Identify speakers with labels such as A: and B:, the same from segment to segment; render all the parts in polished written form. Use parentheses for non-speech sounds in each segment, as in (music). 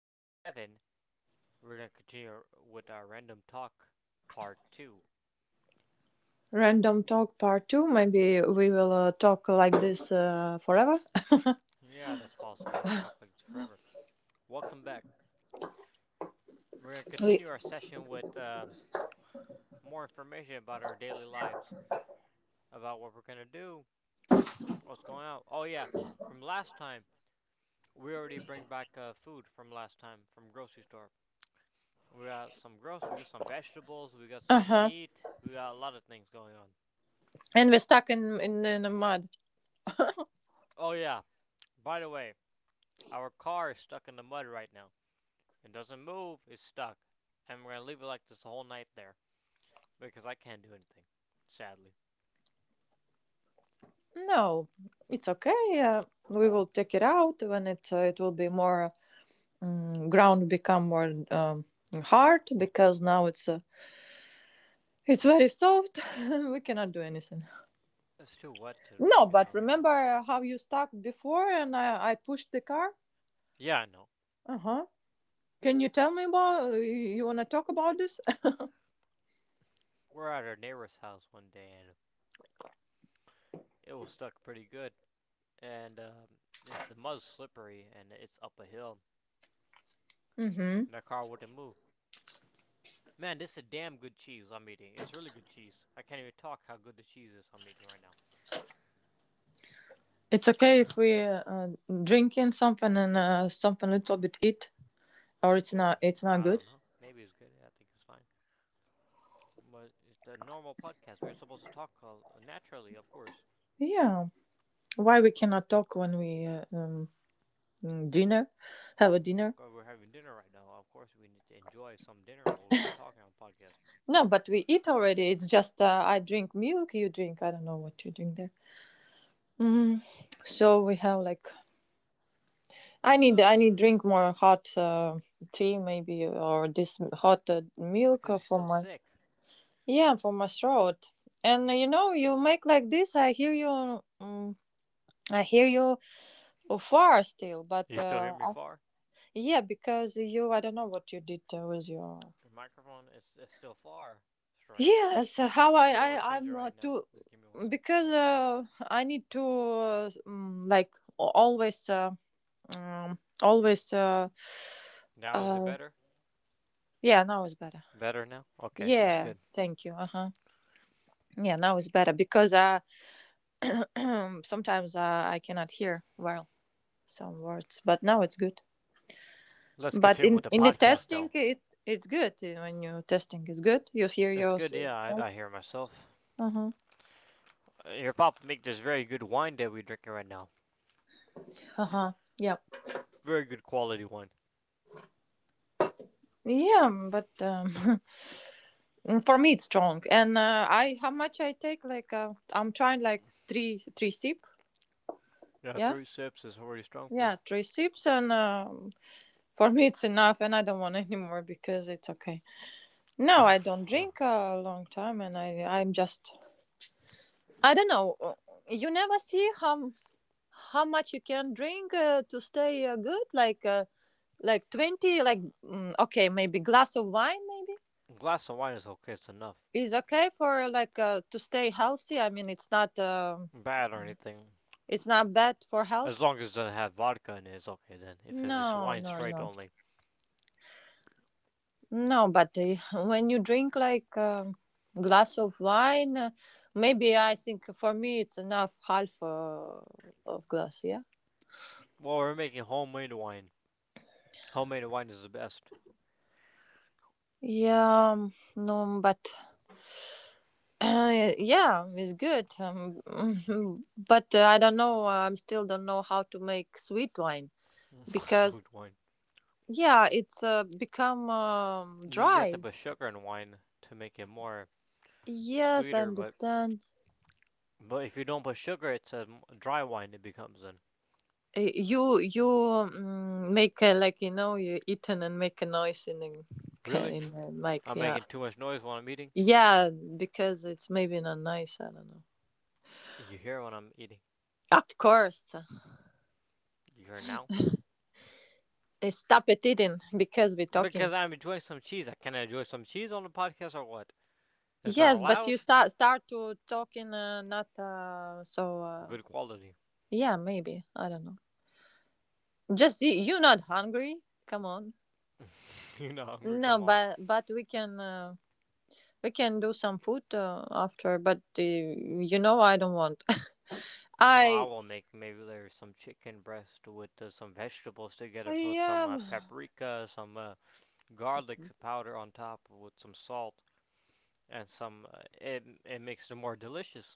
A: 7. We're going to continue with our random talk part 2.
B: Random talk part two. Maybe we will talk like this forever.
A: Yeah, that's possible. We could talk like this forever. Welcome back. We're going to
B: We
A: continue our session with more information about our daily lives, about what we're going to do, what's going on. Oh, yeah, from last time, we already bring back food from last time from grocery store. We got some groceries, we got some vegetables, we got
B: uh
A: some
B: huh.
A: meat, we got a lot of things going on.
B: And we're stuck in the mud.
A: Oh, yeah, by the way, our car is stuck in the mud right now. It doesn't move, it's stuck. And we're gonna leave it like this the whole night there. Because I can't do anything, sadly.
B: No, it's okay. We will take it out when it will be more ground become more hard because now it's very soft. (laughs) We cannot do anything.
A: It's too wet to
B: No,
A: take it
B: but
A: out right now.
B: remember how you stuck before and I pushed the car.
A: Yeah, I know.
B: Uh huh. Can you tell me about? You wanna talk about this?
A: We're at our neighbor's house one day and it was stuck pretty good. And It's, the mud's slippery and it's up a hill.
B: (laughs) Mm hmm.
A: And the car wouldn't move. Man, this is a damn good cheese I'm eating. It's really good cheese. I can't even talk how good the cheese is I'm eating right now.
B: It's okay if we drinking something and something little bit eat,
A: Yeah,
B: or
A: of
B: it's not
A: course.
B: it's not
A: I
B: good.
A: don't know. Maybe it's good. I think it's fine. But it's a normal podcast. We're supposed to talk naturally, of course.
B: Yeah, why we cannot talk when we dinner, have a dinner?
A: We're having dinner right now. Of course, we need to enjoy some dinner while we're talking on podcast.
B: No, but we eat already. It's just I drink milk, you drink. I don't know what you drink there. Mm. So we have like I
A: It's
B: need I need drink more hot tea maybe or this hot milk
A: because he's
B: for
A: still
B: my
A: sick.
B: yeah for my throat. And you know you make like this. I hear you. Mm. I hear you far still, but
A: You still hear me far?
B: yeah, because I don't know what you did with your.
A: The microphone is it's still far. Strange.
B: Yes, how I,
A: Maybe I'll
B: I
A: change it
B: I'm uh,
A: right now.
B: too,
A: Just give me one second. I
B: because
A: will change.
B: I need to like always, always,
A: Now is it
B: uh,
A: better?
B: yeah, now it's better.
A: Better now? Okay, it's
B: Yeah,
A: good.
B: thank you. Uh huh. Yeah, now it's better because (clears throat) sometimes I cannot hear well some words, but now it's good.
A: Let's
B: But
A: continue
B: in
A: with the
B: in the
A: podcast
B: testing,
A: though.
B: it's good when you testing is good. You hear
A: It's good,
B: yourself.
A: yeah, I hear myself.
B: Uh huh.
A: Your papa make this very good wine that we're drinking right now.
B: Uh huh. Yeah.
A: Very good quality wine.
B: Yeah, but (laughs) for me it's strong. And I how much I take? Like I'm trying like three sip.
A: Yeah,
B: Yeah.
A: three sips is already strong for you.
B: Yeah, three sips, and for me it's enough, and I don't want any more because it's okay. No, I don't drink a long time, and I'm just I don't know. You never see how much you can drink to stay good like 20 like okay maybe glass of wine maybe
A: A glass of wine is okay, it's enough.
B: is okay for like to stay healthy. I mean,
A: Bad or anything.
B: it's not bad for
A: As
B: health.
A: long as it doesn't have vodka in it, it's okay then. If it's just
B: No,
A: wine
B: no,
A: straight
B: no,
A: only.
B: no, but (laughs) when you drink like glass of wine maybe I think for me it's enough half of glass, yeah.
A: Well, we're making homemade wine. Homemade wine is the best.
B: Yeah, no but yeah, it's good. (laughs) But I don't know. I still don't know how to make sweet wine
A: (laughs)
B: because
A: Sweet wine.
B: yeah, it's become
A: You usually have to
B: dry.
A: put sugar in wine to make it more
B: Yes, I
A: sweeter,
B: understand.
A: but if you don't put sugar, it's a dry wine it becomes then.
B: You make a, like you know you eaten and make a noise in the
A: Really?
B: in the mic.
A: I'm
B: Yeah,
A: making too much noise while I'm eating?
B: yeah, because it's maybe not nice. I don't know.
A: You hear when I'm eating?
B: Of course.
A: You hear now?
B: Stop it eating because we're
A: Because
B: talking.
A: I'm enjoying some cheese. I can not enjoy some cheese on the podcast or what? It's not
B: Yes, but you
A: allowed?
B: start to talking, not so
A: Good quality.
B: yeah, maybe. I don't know. Just you, you not hungry? Come on.
A: (laughs) You are not hungry,
B: No,
A: come on.
B: but we can do some food after, but you know I don't want. (laughs)
A: No, I
B: I
A: will make maybe there's some chicken breast with some vegetables together,
B: I
A: put some
B: um
A: paprika, some garlic powder on top with some salt and some. It it makes it more delicious.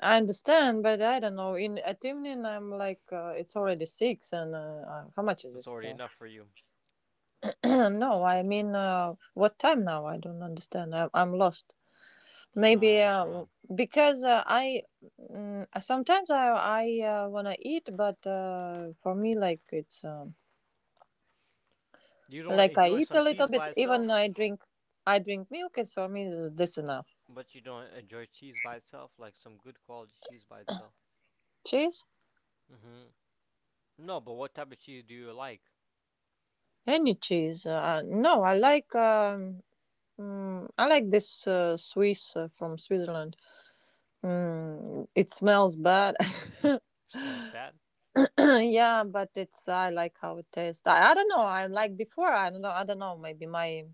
B: I understand, but I don't know. In at evening I'm like it's already 6 and how much is
A: It's
B: this
A: already
B: now?
A: enough for you.
B: (clears throat) No, I mean what time now? I don't understand. I'm lost.
A: So
B: Maybe
A: that's around.
B: because I sometimes I wanna eat, but for me like it's
A: You don't
B: like I
A: enjoy
B: eat a
A: some
B: little
A: cheese
B: bit.
A: by itself,
B: Even I drink milk. It's for me this enough.
A: but you don't enjoy cheese by itself like some good quality cheese by itself.
B: Cheese,
A: Hmm. No, but what type of cheese do you like?
B: any cheese. No, I like I like this Swiss from Switzerland. Mm, it smells bad. (laughs)
A: Smells bad.
B: (clears throat) Yeah, but it's I like how it tastes. I don't know. I like before. I don't know. I don't know. Maybe my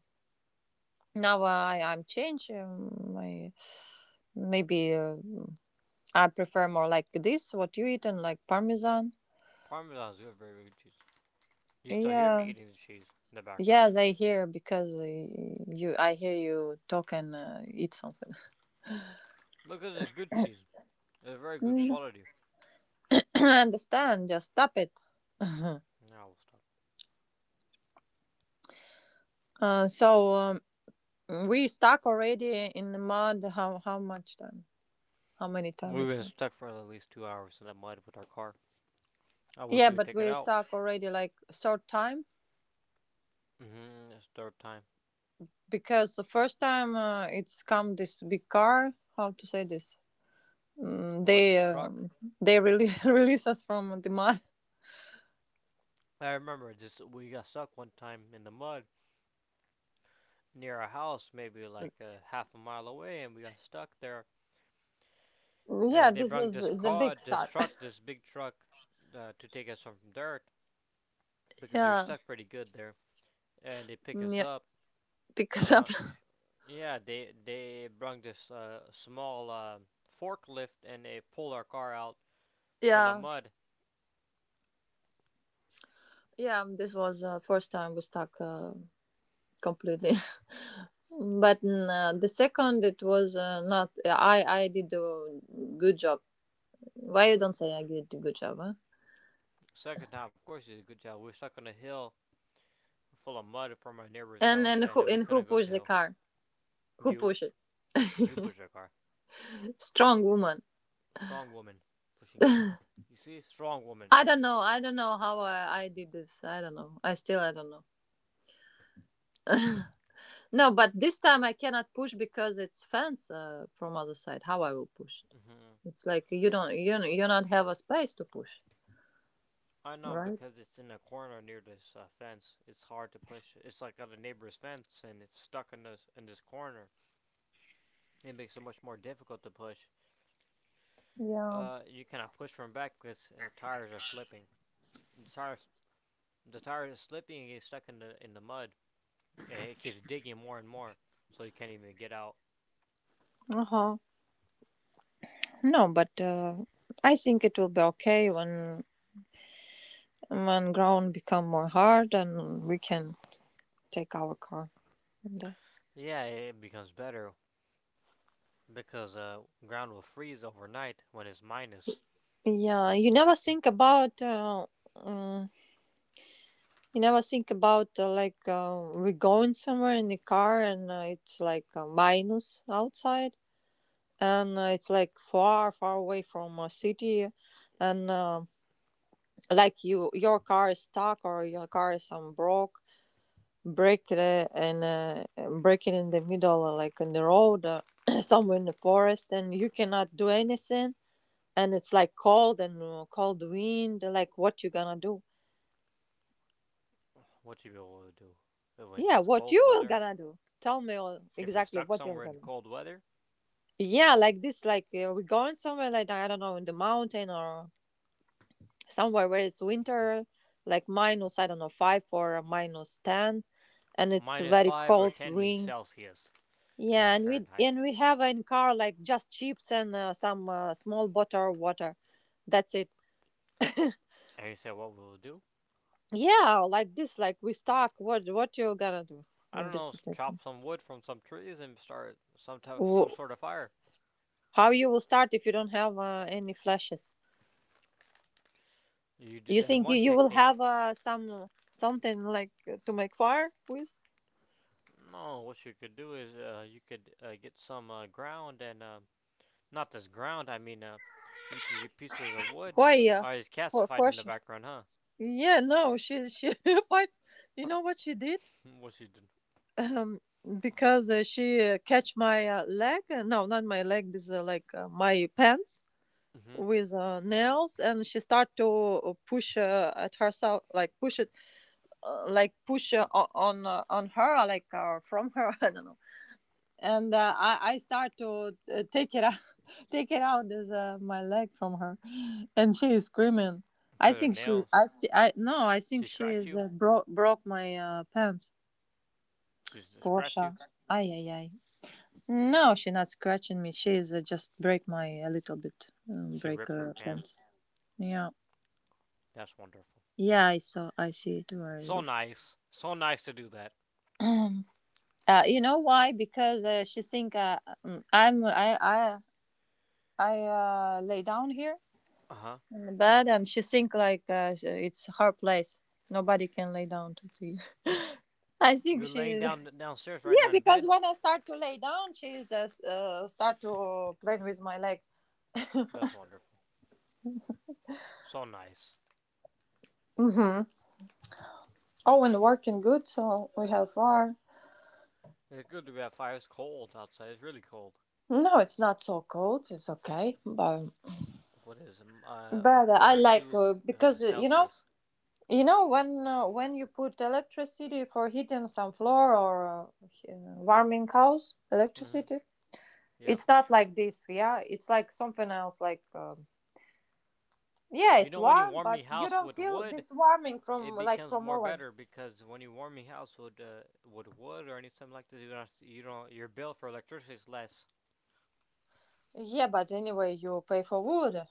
B: now I'm changed. I maybe I prefer more like this. What you eat and like parmesan.
A: Parmesan is a very good cheese. You still hear me
B: Yeah.
A: eating the cheese in the background.
B: Yes, I hear because you. I hear you talk and eat something.
A: Because it's good cheese. It's very good
B: Mm.
A: quality.
B: (coughs) (clears throat) I understand. Just stop it. (laughs)
A: Now we'll stop.
B: uh, so um, we stuck already in the mud. How much time? How many time we
A: We've been
B: stuck?
A: stuck for at least 2 hours in the mud with our car. I wish
B: Yeah,
A: we would
B: but
A: take it
B: we
A: out.
B: stuck already like short time.
A: Mm-hmm, that's third time.
B: Because the first time it's come this big car, how to say this.
A: Well,
B: They
A: this truck.
B: they release (laughs) release us from the mud.
A: I remember this. We got stuck one time in the mud near our house, maybe
B: Mm,
A: like a half a mile away, and we got stuck there.
B: yeah,
A: And they
B: this
A: brought
B: was
A: this
B: the
A: car,
B: big
A: this
B: start.
A: truck, this big truck, to take us from dirt
B: (laughs)
A: because we were
B: Yeah.
A: stuck pretty good there. And they pick
B: Mm,
A: us
B: yeah,
A: up.
B: because up.
A: Uh, Yeah, they brought this small forklift and they pulled our car out
B: (laughs)
A: from the
B: Yeah.
A: mud.
B: Yeah, this was first time we stuck completely. (laughs) But the second it was not yeah, I did a good job. Why you don't say I did a good job, huh?
A: Second time, of course, he did a good job. We were stuck on a hill full of mud from our neighbor's
B: And
A: house, and we
B: and
A: couldn't
B: who
A: go up the
B: pushed the
A: hill.
B: car? Who
A: You
B: pushed it?
A: pushed our car.
B: Strong woman.
A: Strong woman pushing car. You see, strong woman.
B: I don't know. I don't know how I did this. I don't know. I still I don't know. No, but this time I cannot push because it's fans from other side. How I will push?
A: Hmm.
B: It's like you you not have a space to push,
A: I know
B: right?
A: because it's in a corner near this fence. It's hard to push. It's like on a neighbor's fence, and it's stuck in this corner. It makes it much more difficult to push.
B: Yeah.
A: You cannot push from back because tires are slipping. The tires, the tires are slipping and get stuck in the mud, and it keeps digging more and more, so you can't even get out.
B: Uh huh. No, but I think it will be okay when ground become more hard and we can take our car. And,
A: Yeah, it becomes better because ground will freeze overnight when it's minus.
B: yeah, you never think about. Mm, You never think about like we're going somewhere in the car and it's like minus outside and it's like far away from a city and like you your car is stuck or your car is some broke break it and break it in the middle like in the road (coughs) (clears throat) somewhere in the forest and you cannot do anything, and it's like cold and cold wind. Like what you gonna do?
A: What you be able to do but when
B: Yeah,
A: it's
B: what
A: cold
B: you will
A: weather?
B: gonna do? Tell me all,
A: If you're
B: exactly
A: stuck
B: what you're
A: somewhere in
B: gonna.
A: cold weather,
B: Yeah, like this, like we're going somewhere like I don't know in the mountain or somewhere where it's winter, like minus I don't know 5 or minus 10, and it's
A: minus
B: very
A: five or
B: cold
A: ten means
B: wind.
A: Celsius,
B: Yeah,
A: not Fahrenheit.
B: and we have in car like just chips and some small bottle of water. That's it. (laughs)
A: And you say, what will we do?
B: Yeah, like this, like we stuck. What you gonna do
A: I don't
B: in this
A: know.
B: situation?
A: Chop some wood from some trees and start some
B: Wh-
A: sort of fire.
B: How you will start if you don't have any flashes?
A: You do
B: You
A: that
B: think you,
A: one
B: you will
A: technique.
B: have some something like to make fire with?
A: No, what you could do is you could get some ground and not this ground. I mean, you could get pieces of wood.
B: Why?
A: Oh, it's cats
B: For
A: fighting in the
B: question.
A: background, huh?
B: Yeah, no, she (laughs) fight. You know
A: (laughs)
B: what she did?
A: What she did?
B: Um, because she catch my leg. No, not my leg. This like my pants
A: Mm-hmm.
B: with nails, and she start to push at herself, like push it, like push on her, like from her. (laughs) I don't know, and I start to take it out, (laughs) take it out as my leg from her, and she is screaming. I
A: Cause her
B: think
A: nails.
B: see, I no, I think
A: She
B: she
A: scratched
B: is
A: you.
B: broke my pants.
A: She scratched
B: Gosha,
A: you.
B: ay ay ay. No, she not scratching me. She is just break my a little bit,
A: She
B: break
A: ripped your
B: her pants.
A: pants.
B: Yeah,
A: That's wonderful.
B: yeah, I see it. Where is
A: So
B: this?
A: nice. So nice to do that.
B: You know why? Because she think I'm I lay down here
A: Uh huh.
B: in the bed, and she think like it's her place. Nobody can lay down to tea. (laughs) I think
A: You're
B: she
A: laying
B: is.
A: down downstairs
B: (laughs)
A: right
B: Yeah,
A: now in
B: because
A: bed.
B: when I start to lay down, she is start to play with my leg. (laughs)
A: That's wonderful. So nice.
B: Mm-hmm. Oh, and working good, so we have far.
A: It's good to be at fire. It's cold outside. It's really cold.
B: No, it's not so cold, it's okay. but
A: What is it,
B: but
A: one
B: I
A: or
B: like
A: two
B: because you know,
A: Celsius.
B: you know when you put electricity for heating some floor or warming house
A: Hmm.
B: electricity.
A: Yeah.
B: It's not like this, yeah. It's like something else, like yeah,
A: You
B: it's
A: know when you
B: warm,
A: warm
B: but
A: your
B: you
A: house
B: don't
A: with
B: feel
A: wood,
B: this warming from
A: it
B: like
A: becomes
B: from
A: more
B: oven.
A: better because when you warm your house with wood or anything like this, you don't your bill for electricity is less.
B: Yeah, but anyway, you pay for wood.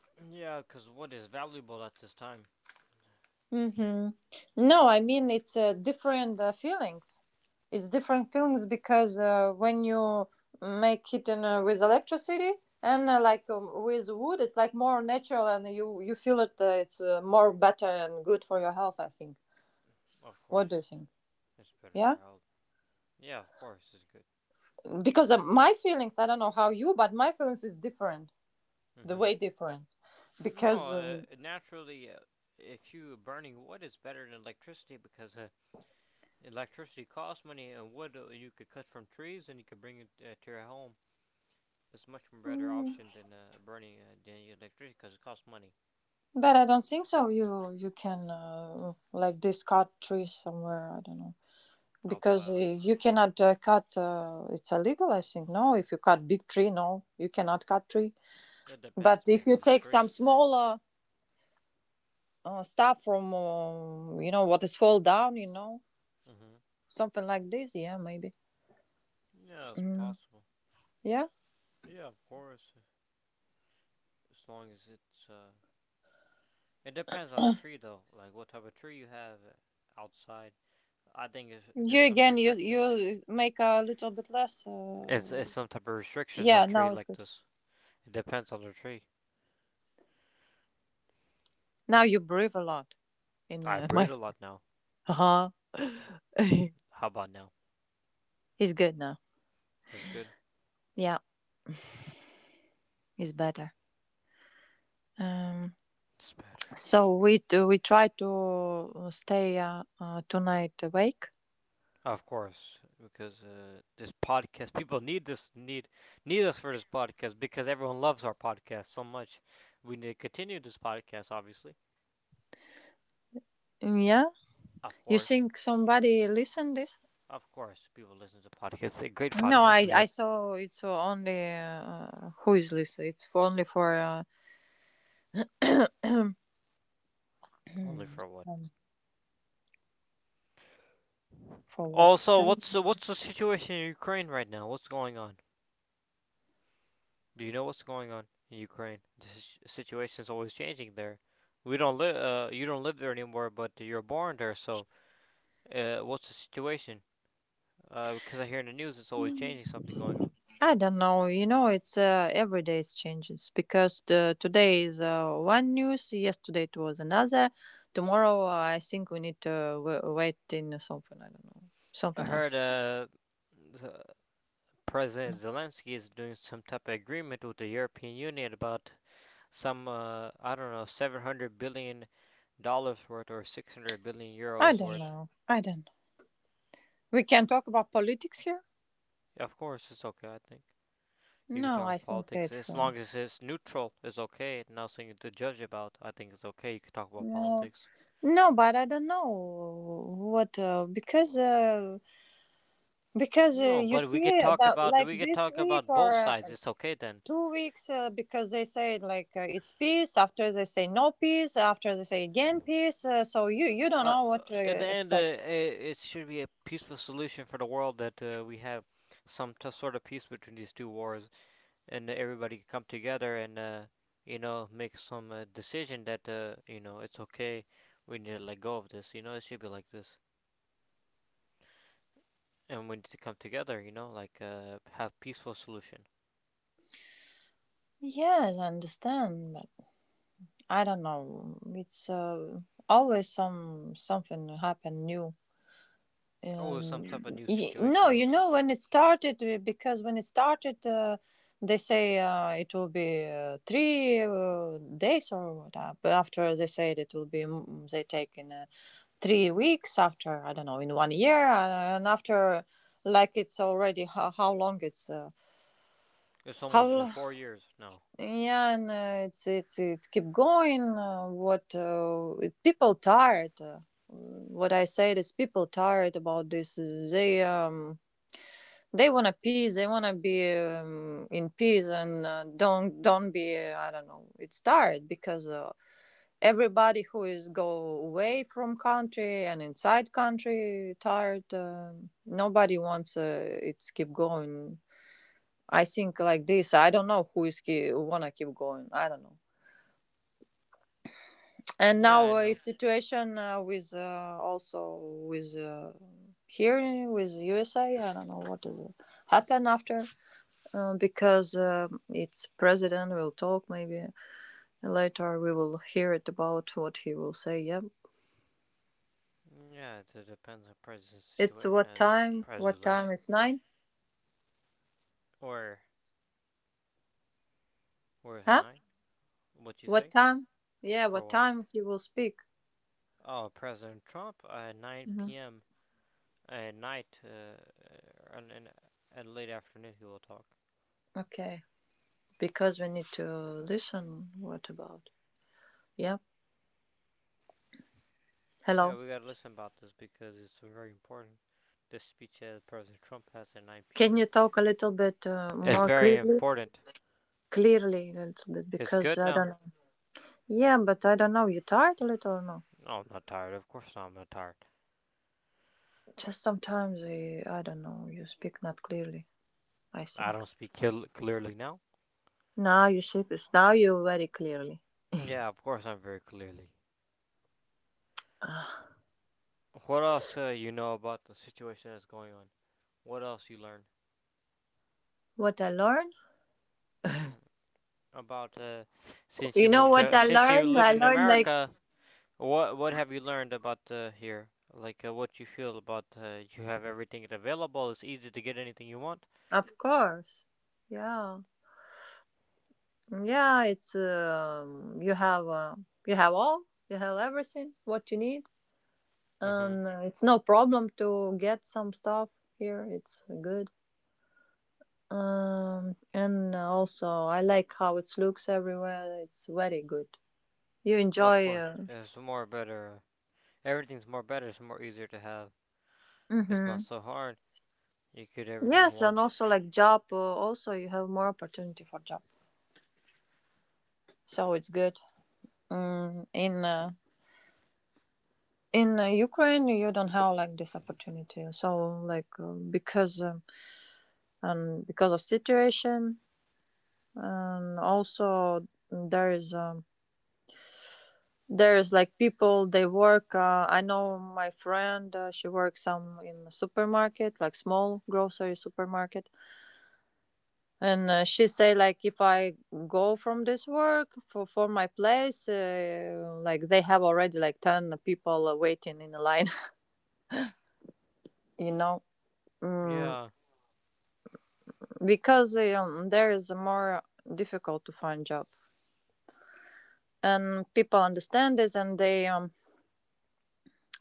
A: (coughs) Yeah, because wood is valuable at this time.
B: Mm-hmm. No, I mean it's different feelings. It's different feelings because when you make it in, with electricity, and like with wood, it's like more natural and you feel it. It's more better and good for your health, I think.
A: Of
B: What do you
A: course,
B: think?
A: it's better
B: Yeah.
A: for health. Yeah, of course, it's good.
B: Because my feelings, I don't know how you, but my feelings is different, the
A: Hmm.
B: way different.
A: No,
B: because um,
A: naturally, if you burning wood, it's better than electricity because electricity costs money, and wood you could cut from trees, and you could bring it to your home. It's much better
B: mm,
A: option than burning than electricity because it costs money
B: but I don't think so you can like discard trees somewhere, I don't know. because
A: outside
B: uh,
A: like this.
B: you cannot cut, it's illegal, I think. No, if you cut big tree, no, you cannot cut tree.
A: It
B: But
A: depends,
B: if
A: maybe
B: you
A: on the
B: take some
A: tree.
B: smaller stuff from, you know, what is fall down,
A: Mm-hmm.
B: something like this, yeah, maybe.
A: Yeah, it's
B: Mm.
A: possible.
B: Yeah.
A: Yeah, of course, as long as it's. It depends on the tree though, like what type of tree you have outside. I think if
B: You
A: there's some
B: again, you
A: restrictions.
B: make a little bit less.
A: It's it's some type of restrictions on
B: Yeah,
A: tree
B: now it's
A: like
B: good.
A: this. It depends on the tree.
B: Now you breathe a lot in
A: I
B: my.
A: breed a lot now.
B: (laughs) Uh-huh. (laughs)
A: How about now?
B: He's good now.
A: It's good.
B: Yeah, he's better. Um,
A: It's better.
B: so we do, we try to stay tonight awake.
A: Of course, because this podcast, people need this need need us for this podcast because everyone loves our podcast so much. We need to continue this podcast, obviously.
B: Mm. Yeah,
A: Of
B: you
A: course,
B: think somebody listen this?
A: of course, people listen to podcasts. A great
B: No,
A: podcast
B: I
A: we have
B: saw it's only who is listening. It's only for
A: only for what.
B: (clears throat) um, for what?
A: Also,
B: Tell.
A: what's the situation in Ukraine right now? What's going on? Do you know what's going on in Ukraine? The situation is always changing there. We don't live. You don't live there anymore, but you're born there. So, what's the situation? Because I hear in the news it's always changing something going on.
B: I don't know. You know, it's every day it changes because today is one news, yesterday it was another. Tomorrow, I think we need to wait in something. I don't know,
A: I
B: something
A: heard
B: else.
A: President Zelensky is doing some type of agreement with the European Union about some I don't know 700 billion dollars worth or 600 billion
B: I
A: euros
B: don't
A: worth.
B: know. I don't know. We can talk about politics here.
A: Yeah, of course, it's okay. I think you can
B: No,
A: talk
B: I
A: about
B: think
A: politics
B: it's
A: as long as it's neutral. It's okay. Nothing to judge about. I think it's okay. You can talk about
B: no,
A: politics.
B: no. But I don't know what because
A: No,
B: you
A: but
B: see that like
A: we could
B: this
A: talk
B: week
A: about
B: or
A: both sides. It's okay then.
B: 2 weeks, because they say like it's peace, after they say no peace, after they say again peace, so you don't know what to
A: In the end,
B: expect.
A: it should be a peaceful solution for the world that we have some sort of peace between these two wars, and everybody can come together and you know make some decision that you know it's okay. We need to let go of this. You know, it should be like this, and we need to come together. You know, like have peaceful solution.
B: Yes, I understand, but I don't know, it's always some something happen new.
A: Oh, some type of new
B: No,
A: situation
B: you
A: with
B: know,
A: this.
B: when it started, because when it started, they say it will be three days or what, but after they say it will be they take in 3 weeks, after I don't know, in one year, and after, like, it's already how long it's
A: It's almost been
B: how.
A: 4 years now.
B: Yeah, and it's keep going, people tired. What I said is people tired about this, they want to peace. They want to be in peace and don't be. I don't know. It's hard because everybody who is go away from country and inside country tired. Nobody wants, it's keep going. I think like this. I don't know who is who wanna keep going. I don't know. And
A: Yeah,
B: now
A: I know.
B: is situation with also with here with USA. I don't know what is it happen after. Because its president will talk, maybe later we will hear it about what he will say. Yeah.
A: Yeah, it depends on president
B: It's
A: situation,
B: what time,
A: President
B: what time,
A: Zelensky,
B: it's nine?
A: or where
B: Huh?
A: nine? What you say?
B: What time? Yeah,
A: For
B: what
A: what?
B: time he will speak?
A: Oh, President Trump at
B: Hmm.
A: 9 p.m. at night and, late afternoon he will talk.
B: Okay, because we need to listen what about. Yeah.
A: Yeah,
B: Hello.
A: we gotta listen about this because it's very important. This speech that President Trump has at 9
B: Can
A: p.m.
B: you talk a little bit
A: It's
B: more
A: very
B: clearly?
A: important.
B: Clearly a little bit
A: It's
B: because
A: good
B: I
A: now.
B: don't know. Yeah, but I don't know, you tired a little or no?
A: No, I'm not tired. Of course not. I'm not tired.
B: Just sometimes I don't know, you speak not clearly, I
A: I
B: think.
A: don't speak clearly now.
B: Now you shape it. Now you very clearly.
A: Yeah, of course I'm very clearly.
B: Ah.
A: What else you know about the situation that's going on? What else you learn?
B: What I learned?
A: Mm, about
B: You know what I (laughs)
A: since you
B: learned?
A: live
B: I
A: in
B: learned like,
A: America. What have you learned about here? Like what you feel about you have everything available. It's easy to get anything you want.
B: of course, yeah, yeah. It's you have all, you have everything what you need,
A: Mhm.
B: and it's no problem to get some stuff here. It's good. And Also I like how it looks everywhere. It's very good. You
A: Of
B: enjoy.
A: course, it's more better. Everything's more better. It's more easier to have. It's not
B: Mm-hmm.
A: so hard. You get everything you
B: Yes, and
A: want.
B: also like job, also you have more opportunity for job, so it's good. Mm, in uh, in Ukraine, you don't have like this opportunity. So like, because and because of situation, and also there is like people they work. I know my friend, she works some in the supermarket, like small grocery supermarket, and she say like if I go from this work for my place, like they have already like 10 people waiting in the line. (laughs) You know, mm,
A: Yeah.
B: because there is a more difficult to find job, and people understand this, and they um,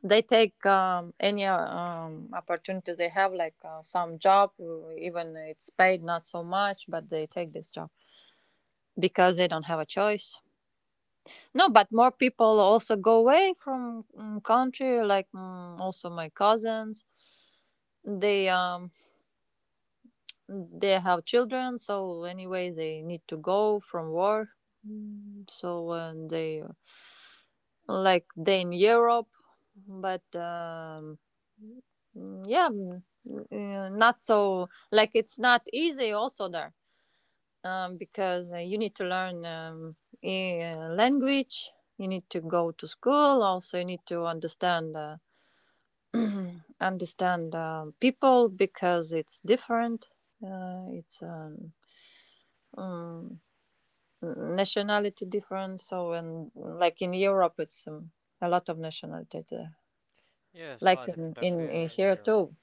B: they take any opportunity they have, like some job, even it's paid not so much, but they take this job because they don't have a choice. No, but more people also go away from country. Like, also my cousins, they they have children, so anyway they need to go from war. So when they, like they in Europe, but um mm, yeah, mm, not so like, it's not easy also there. Because you need to learn, language. You need to go to school. Also, you need to understand (clears throat) understand people because it's different. It's um, Nationality different. So, and like in Europe, it's a lot of nationality there.
A: Yeah, it's a
B: Like
A: lot
B: in,
A: different up here
B: in
A: in
B: here
A: Europe.
B: too.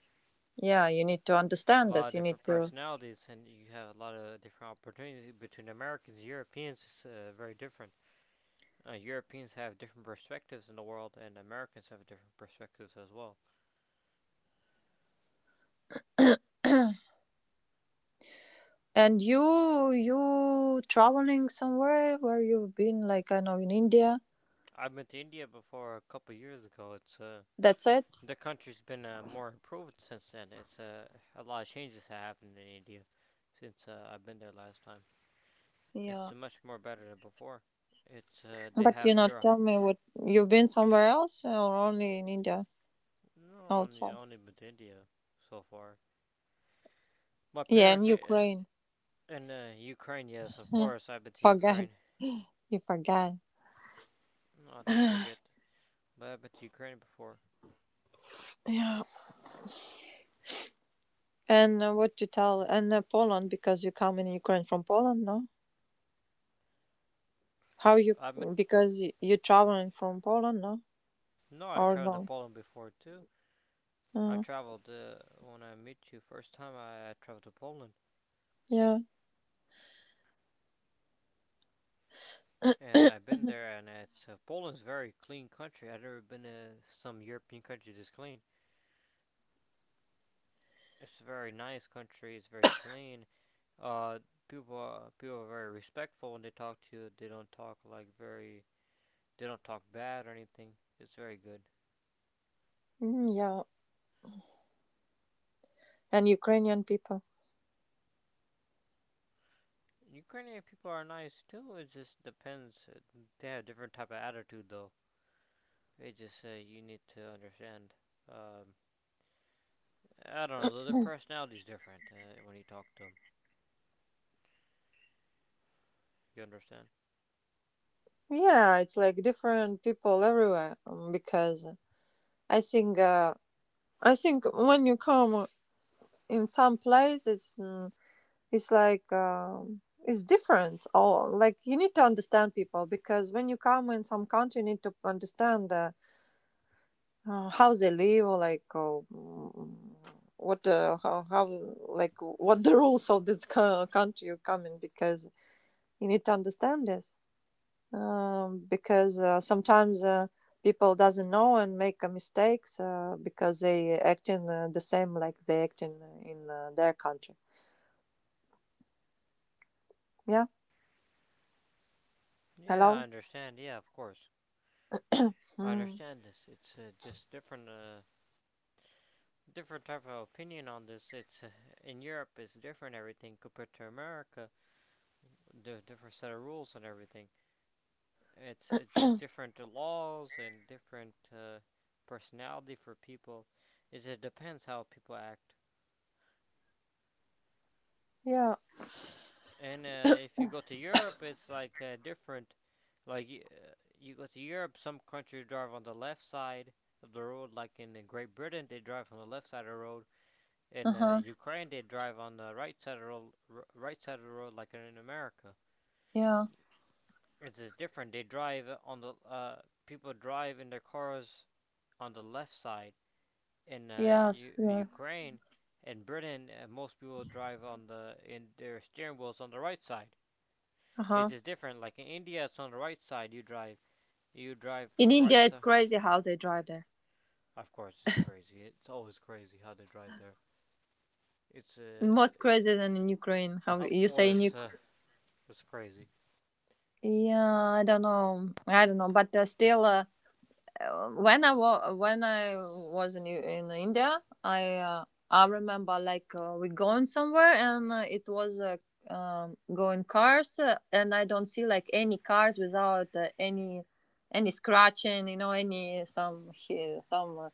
B: Yeah, you need to
A: A
B: understand
A: lot
B: this.
A: of
B: You need
A: different
B: to.
A: personalities, and you have a lot of different opportunities between Americans and Europeans. It's very different. Europeans have different perspectives in the world, and Americans have different perspectives as well.
B: And you traveling somewhere, where you've been, like I know, in India.
A: I've been to India before a couple years ago. It's
B: That's it.
A: the country's been more improved since then. It's a lot of changes have happened in India since I've been there last time. It's
B: Yeah.
A: much more better than before. It's they
B: But you
A: have
B: know,
A: neuro.
B: tell me what, you've been somewhere else or only in India
A: No, only
B: outside?
A: only been to India so far. My
B: Yeah, in
A: parents
B: Ukraine.
A: in Ukraine. Yes, of course I've been
B: (laughs)
A: to
B: Forgot.
A: Ukraine.
B: You forgot.
A: No, I don't
B: (sighs)
A: forget, but I've been to Ukraine before.
B: Yeah. And what to tell? And Poland, because you come in Ukraine from Poland, no? How you,
A: I've been
B: because you traveling from Poland, no?
A: No, I
B: Or
A: traveled to
B: no?
A: Poland before too. I
B: Uh,
A: traveled when I met you first time. I traveled to Poland,
B: yeah,
A: and I've been there, and it's Poland's very clean country. I've never been to some European country this clean. It's a very nice country. It's very clean. Uh, people are very respectful when they talk to you. They don't talk like very. They don't talk bad or anything. It's very good.
B: mm, yeah. And Ukrainian people.
A: Ukrainian people are nice too. It just depends. They have a different type of attitude though. They just say you need to understand. Um, I don't know. Their personality's different when you talk to them. You understand?
B: Yeah, it's like different people everywhere, because I think uh, I think when you come in some place, it's it's like, it's different. All like, you need to understand people, because when you come in some country, you need to understand how they live, or like, oh, mm, what how, like, what the (laughs) rules of this country you come in, because you need to understand this. Because sometimes people doesn't know and make mistakes because they acting the same like they acting in their country. Yeah.
A: Yeah, I
B: Hello.
A: understand. Yeah, of course. I
B: Mm.
A: understand this. It's just different. Different type of opinion on this. It's in Europe, it's different everything compared to America. There's different set of rules and everything. It's just different laws and different personality for people. It depends how people act.
B: Yeah.
A: And if you go to Europe, it's like different. Like you go to Europe, some countries drive on the left side of the road. Like in Great Britain, they drive on the left side of the road.
B: Uh
A: In
B: huh.
A: Ukraine, they drive on the right side of the road, right side of the road, like in America.
B: Yeah.
A: It's just different. They drive on the people drive in their cars on the left side. In
B: Yes. Yeah.
A: Ukraine and Britain, most people drive on the in their steering wheels on the right side.
B: Uh
A: It's
B: huh.
A: just different. Like in India, it's on the right side. You drive. You drive
B: In
A: from the
B: India,
A: right
B: it's
A: side.
B: crazy how they drive there.
A: Of course, it's crazy. It's always crazy how they drive there. It's
B: Most crazy than in Ukraine. How
A: of
B: you say in
A: course,
B: Ukraine?
A: it's crazy.
B: Yeah, I don't know. I don't know. But still, when I when I was in India, I remember like we going somewhere, and it was going cars, and I don't see like any cars without any any scratching, you know, any some some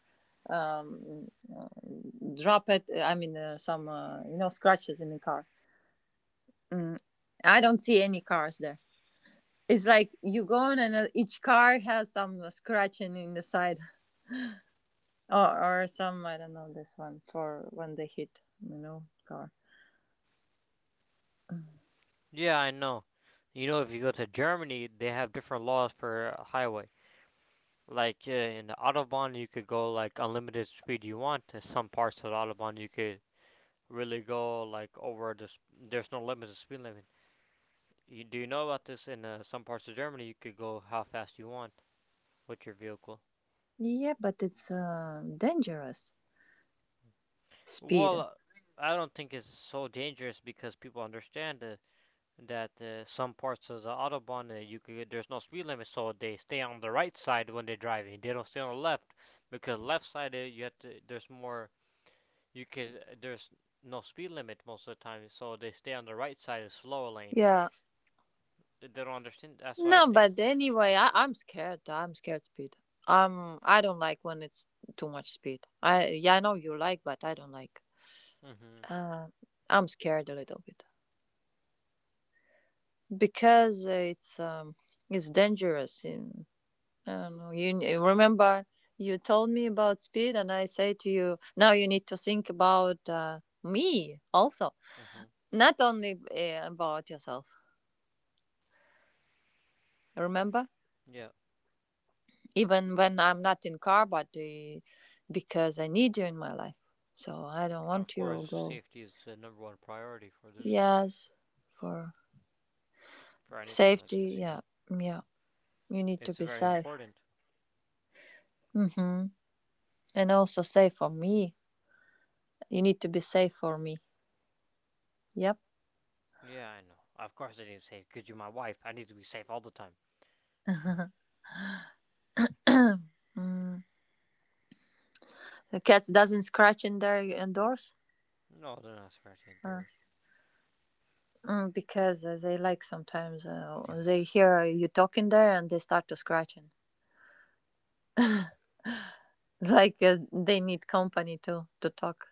B: uh, um, uh, drop it. I mean, some, you know, scratches in the car. Mm, I don't see any cars there. It's like you go on, and each car has some scratching in the side. Or some, I don't know, this one for when they hit, you know, car.
A: Yeah, I know. You know, if you go to Germany, they have different laws for highway. Like in the autobahn, you could go like unlimited speed you want. In some parts of the autobahn, you could really go like over the. S there's no limit to speed limit. You, do you know about this? In some parts of Germany, you could go how fast you want with your vehicle.
B: Yeah, but it's dangerous speed.
A: Well, I don't think it's so dangerous because people understand that some parts of the autobahn you could there's no speed limit, so they stay on the right side when they're driving. They don't stay on the left because left side you have to there's more you could there's no speed limit most of the time, so they stay on the right side of slower lane.
B: Yeah.
A: They don't understand. That's why I
B: No,
A: think.
B: but anyway, I, I'm scared. I'm scared speed. I don't like when it's too much speed. I, yeah, I know you like, but I don't like.
A: Mhm.
B: Uh, I'm scared a little bit because it's dangerous. In, I don't know. You remember you told me about speed, and I say to you, now you need to think about me also,
A: Mhm.
B: not only about yourself. Remember,
A: Yeah.
B: even when I'm not in car, but because I need you in my life, so I don't
A: Of
B: want
A: course,
B: you go.
A: safety is the number one priority for this
B: Yes, for
A: for anything like this.
B: safety.
A: You know,
B: Yeah, yeah. You need
A: it's
B: to be
A: very
B: safe.
A: important.
B: Mm-hmm. And also safe for me. You need to be safe for me. Yep.
A: Yeah, I know. Of course I need to be safe, because you're my wife. I need to be safe all the time.
B: (laughs) Mm. The cats doesn't scratch in their indoors,
A: No, they're not scratching at
B: uh,
A: doors.
B: because they like sometimes
A: Yeah, like
B: they
A: so.
B: hear you talking there and they start to scratching. (laughs) Like they need company to talk.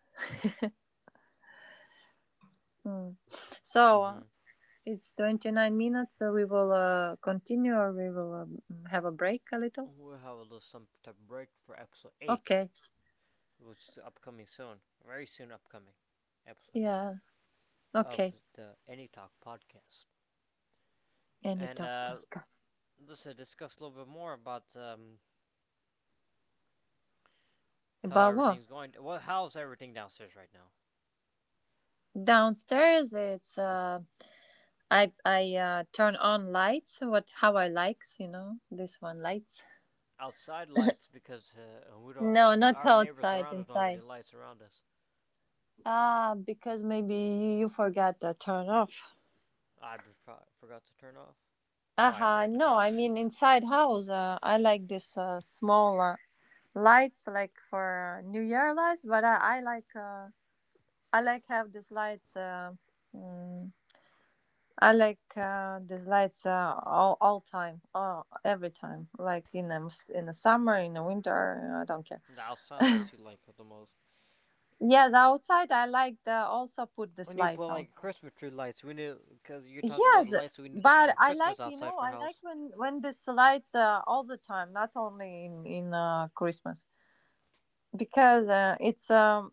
B: Mm. So
A: Mm-hmm.
B: it's 29 minutes. So we will continue, or we will have a break a little.
A: We'll have a little some type of break for episode 8,
B: Okay.
A: which is upcoming soon. Very soon upcoming. Episode 8
B: Yeah.
A: of
B: Okay.
A: the Any Talk podcast.
B: Any
A: And,
B: talk podcast.
A: let's discuss a little bit more about, how
B: About what?
A: everything's going. Well, how's everything downstairs right now?
B: Downstairs, it's I turn on lights. What, how I likes, you know, this one lights.
A: Outside lights because we
B: No,
A: don't.
B: not
A: Our neighbors
B: outside,
A: around us don't have any
B: inside.
A: lights around us.
B: Ah, because maybe you forgot the turn off.
A: I forgot to turn off. Why I
B: Aha,
A: forget to
B: no,
A: turn
B: I
A: off
B: mean inside house. I like this smaller lights, like for New Year lights. But I, like, I like have this lights. Mm, I like these lights all time, all, every time. Like in the in the summer, in the winter, I don't care.
A: the outside lights you like the most.
B: Yes, outside I like the also put
A: We
B: these
A: need to put
B: lights
A: like
B: outside.
A: Christmas tree lights. We need because you're talking about the
B: Yes,
A: lights. So we need to put
B: but
A: for
B: I like,
A: Christmas
B: you
A: outside
B: know,
A: for
B: I like
A: house.
B: when this lights all the time, not only in Christmas, because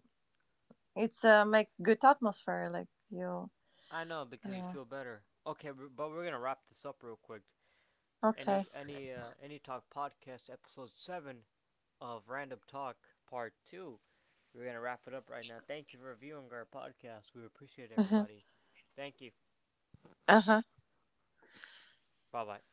B: it's make good atmosphere like you.
A: I know because you
B: Uh,
A: feel better. Okay, but we're gonna wrap this up real quick.
B: okay.
A: Any talk podcast episode 7 of Random Talk Part Two. We're gonna wrap it up right now. Thank you for viewing our podcast. We appreciate
B: (laughs) Uh
A: everybody. Thank you.
B: huh.
A: Bye bye.